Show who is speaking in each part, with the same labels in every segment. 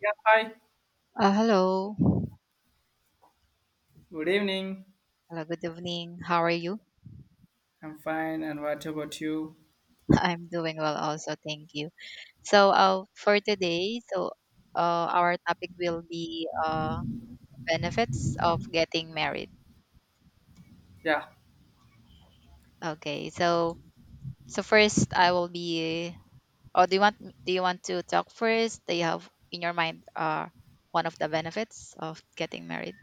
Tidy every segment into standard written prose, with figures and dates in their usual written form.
Speaker 1: Yeah, hi.
Speaker 2: Hello.
Speaker 1: Good evening.
Speaker 2: Hello, good evening. How are you?
Speaker 1: I'm fine. And what about you?
Speaker 2: I'm doing well also, thank you. So for today, our topic will be benefits of getting married.
Speaker 1: Yeah.
Speaker 2: Okay. So first I will be oh, do you want to talk first? Do you have in your mind one of the benefits of getting married?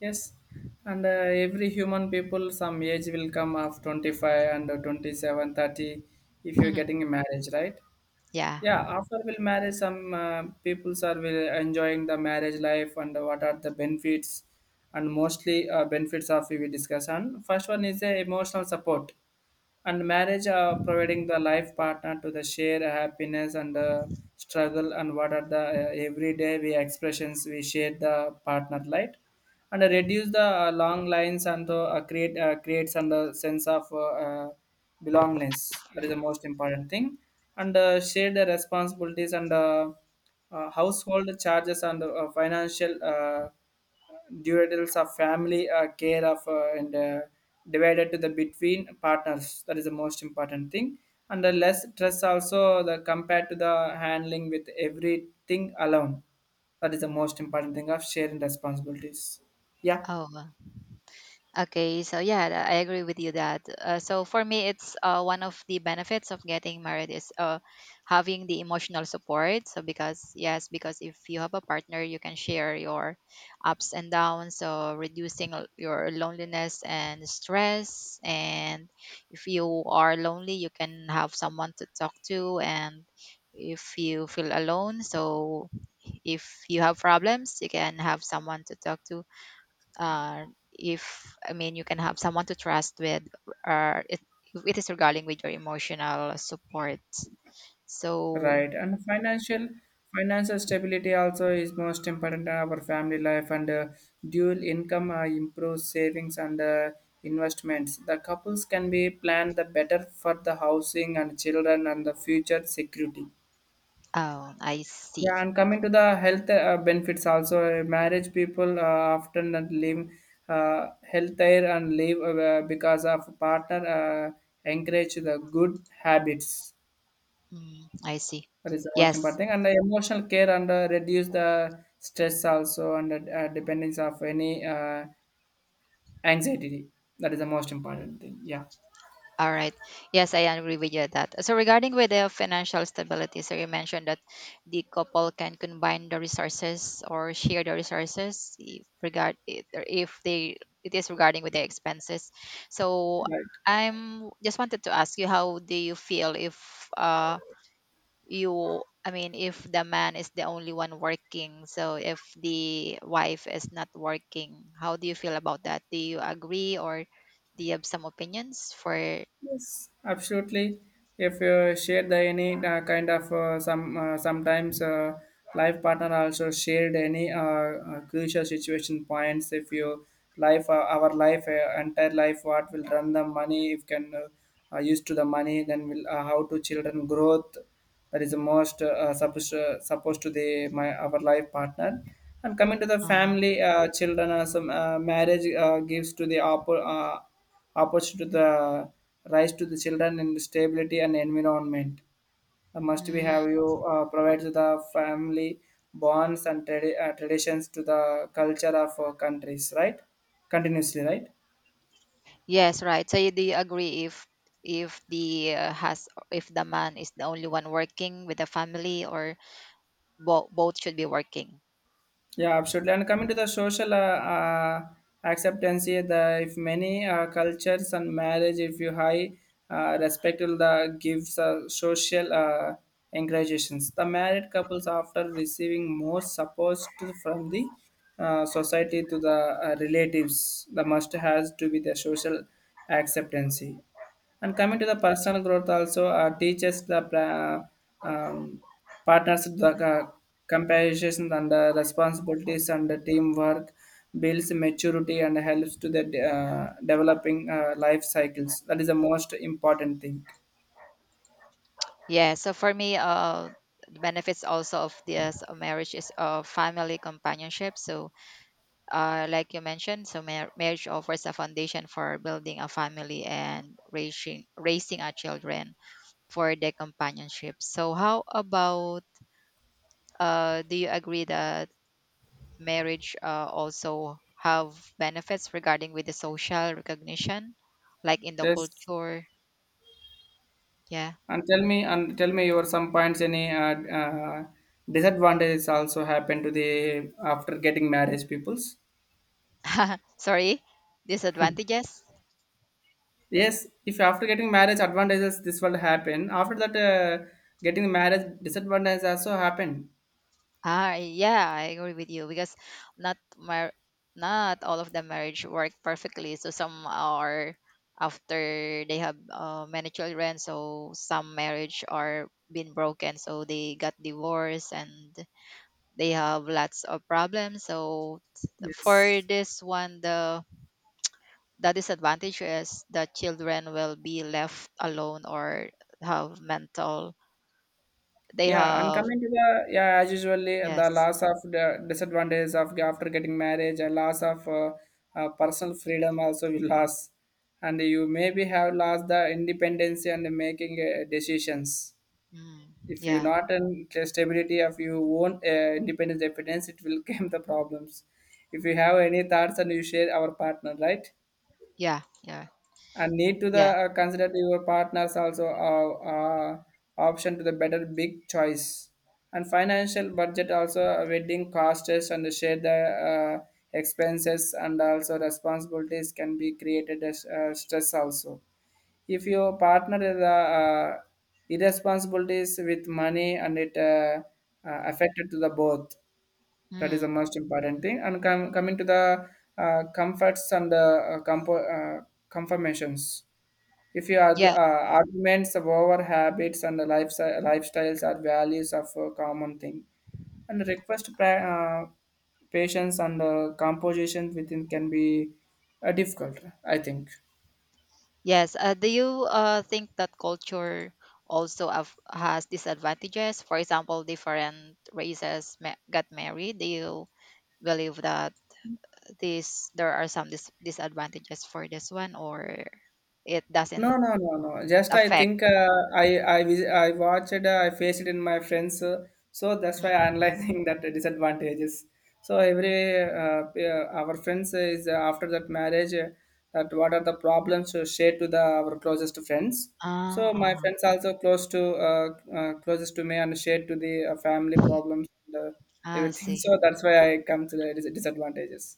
Speaker 1: Yes. And every human people, some age will come of 25 and 27, 30 if you're getting a marriage, right?
Speaker 2: Yeah.
Speaker 1: Yeah. After will marriage, some peoples are will enjoying the marriage life and what are the benefits and mostly benefits of we will discuss. And first one is emotional support and marriage providing the life partner to the share happiness and struggle, and what are the everyday we expressions we share the partner light and reduce the long lines and creates and sense of uh, belongingness. That is the most important thing, and share the responsibilities and household charges and financial duties of family care of and divided to the between partners. That is the most important thing, and the less stress also the compared to the handling with everything alone. That is the most important thing of sharing responsibilities, yeah.
Speaker 2: Oh, well. Okay, so yeah, I agree with you that. So for me, it's one of the benefits of getting married is having the emotional support. So because yes, because if you have a partner, you can share your ups and downs, so reducing your loneliness and stress. And if you are lonely, you can have someone to talk to. And if you feel alone, so if you have problems, you can have someone to talk to uh, if I mean you can have someone to trust with, or it is regarding with your emotional support. So,
Speaker 1: Right. And financial stability also is most important in our family life. And dual income improves savings and investments. The couples can be planned the better for the housing and children and the future security.
Speaker 2: oh, I see.
Speaker 1: Yeah, and coming to the health benefits also, marriage people often don't leave healthier and leave because of partner encourage the good habits.
Speaker 2: Mm, I see.
Speaker 1: That is the most important
Speaker 2: Yes,
Speaker 1: thing. And the emotional care and reduce the stress also, and the dependence of any anxiety. That is the most important thing. Yeah.
Speaker 2: all right. Yes, I agree with you on that. So regarding with the financial stability, so you mentioned that the couple can combine the resources or share the resources if regard if they it is regarding with the expenses. So
Speaker 1: Right.
Speaker 2: I'm just wanted to ask you how do you feel if uh you I mean if the man is the only one working, so if the wife is not working, how do you feel about that? Do you agree or do you have some opinions for
Speaker 1: Yes, absolutely. If you share the any kind of some sometimes life partner also shared any crucial situation points. If you life our life entire life, what will run the money? If can used to the money, then will how to children growth, that is the most supposed to the my our life partner. And coming to the family children some marriage gives to the approach to the rise to the children and stability and environment. Must we
Speaker 2: mm,
Speaker 1: have you provide to the family bonds and traditions to the culture of countries, right? Continuously, right?
Speaker 2: yes, right. So you, do you agree if the has if the man is the only one working with the family or both should be working?
Speaker 1: Yeah, absolutely. And coming to the social acceptance here, the if many cultures and marriage, if you high respect will the gives social encouragements. The married couples after receiving more support to, from the society to the relatives, the must has to be the social acceptance. And coming to the personal growth also teaches the um, partners the compassion and the responsibilities and the teamwork, builds maturity and helps to the developing life cycles. That is the most important thing.
Speaker 2: Yeah. So for me, the benefits also of this marriage is family companionship. So, like you mentioned, so marriage offers a foundation for building a family and raising our children for their companionship. So, how about do you agree that? Marriage also have benefits regarding with the social recognition like in the
Speaker 1: Yes,
Speaker 2: culture. Yeah.
Speaker 1: and tell me your some points, any disadvantages also happen to the after getting marriage peoples.
Speaker 2: Sorry, disadvantages.
Speaker 1: Yes, if after getting marriage advantages this will happen. After that, getting marriage disadvantages also happen.
Speaker 2: Ah, yeah, I agree with you because not mar- not all of the marriage work perfectly so some are after they have many children so some marriage are been broken so they got divorced and they have lots of problems so for
Speaker 1: Yes.
Speaker 2: this one the disadvantage is that children will be left alone or have mental they
Speaker 1: Yeah, and
Speaker 2: have
Speaker 1: coming to the, yeah, as usually the
Speaker 2: yes.
Speaker 1: loss of the disadvantages of after getting marriage, a loss of personal freedom also will loss, and you maybe have lost the independence and making decisions.
Speaker 2: Mm,
Speaker 1: If you
Speaker 2: yeah,
Speaker 1: not an stability of your own independence evidence, it will come the problems if you have any thoughts and you share our partner, right?
Speaker 2: yeah, yeah,
Speaker 1: And need to the
Speaker 2: yeah.
Speaker 1: consider your partners also option to the better big choice, and financial budget also wedding costs, and share the uh, expenses and also responsibilities can be created as stress also if your partner is irresponsibilities with money, and it affected to the both. That is the
Speaker 2: Mm,
Speaker 1: most important thing. And coming to the comforts and the confirmations. If your
Speaker 2: yeah.
Speaker 1: arguments of our habits and the lifestyles are values of a common thing, and request uh, patience and composition within can be difficult, I think.
Speaker 2: Yes, do you think that culture also have, has disadvantages, for example different races got married? Do you believe that this there are some disadvantages for this one or it
Speaker 1: No,
Speaker 2: doesn't
Speaker 1: no, no, no. Just I
Speaker 2: affect.
Speaker 1: think I watched. I faced it in my friends, so that's why I'm
Speaker 2: Mm.
Speaker 1: analyzing that disadvantages. So every our friends is after that marriage. That what are the problems to share to the our closest friends. So my
Speaker 2: Ah.
Speaker 1: friends also close to closest to me, and share to the family
Speaker 2: Ah,
Speaker 1: problems and
Speaker 2: I
Speaker 1: everything. So
Speaker 2: see.
Speaker 1: that's why I come to the disadvantages.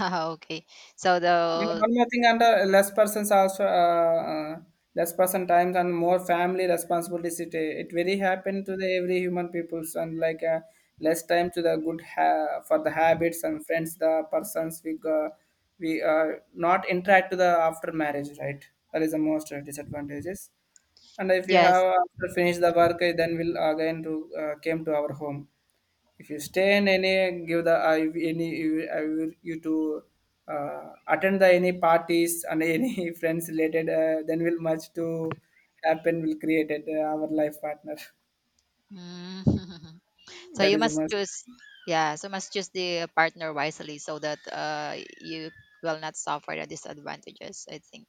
Speaker 2: Okay. So
Speaker 1: And
Speaker 2: the
Speaker 1: one more thing, and less persons also, less person times and more family responsibilities. It very happen to the every human peoples, and like less time to the for the habits and friends. The persons we not interact to the after marriage, right? That is the most disadvantages. And if you have
Speaker 2: yes.
Speaker 1: after finish the work, then we'll again to came to our home. If you stay in any give the I any you- I will you to attend the any parties and any friends related, then will much to happen will create it, our life partner.
Speaker 2: Mm. So
Speaker 1: That
Speaker 2: you
Speaker 1: is a
Speaker 2: must
Speaker 1: must.
Speaker 2: choose yeah, so must choose the partner wisely so that you will not suffer the disadvantages, I think.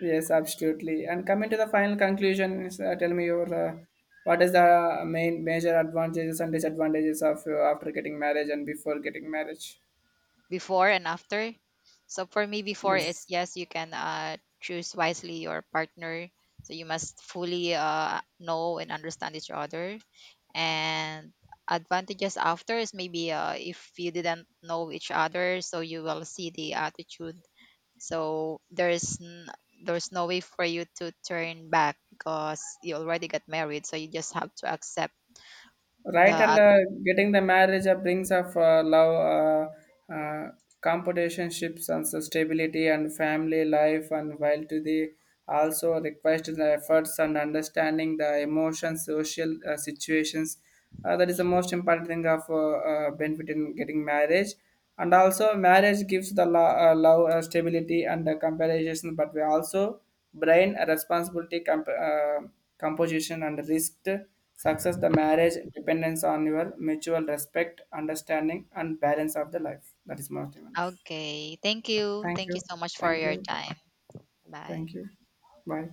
Speaker 1: Yes, absolutely. And coming to the final conclusion is, tell me your what is the main major advantages and disadvantages of after getting marriage and before getting marriage.
Speaker 2: Before and after. So for me before is
Speaker 1: Yes,
Speaker 2: yes, you can choose wisely your partner. So you must fully know and understand each other. And advantages after is maybe if you didn't know each other, so you will see the attitude. So there's no way for you to turn back because you already got married. So you just have to accept
Speaker 1: right. And
Speaker 2: the.
Speaker 1: getting the marriage brings of love uh, uh, competitionships and so stability and family life, and while to the also request the efforts and understanding the emotions social situations, that is the most important thing of benefit in getting marriage. And also marriage gives the love stability and comparison, but we also brain responsibility composition and risk success. The marriage dependence on your mutual respect, understanding and balance of the life, that is more than enough.
Speaker 2: Okay. Thank you.
Speaker 1: Thank
Speaker 2: Thank
Speaker 1: you.
Speaker 2: you so much for
Speaker 1: Thank
Speaker 2: your
Speaker 1: you.
Speaker 2: time. Bye.
Speaker 1: Thank you. Bye.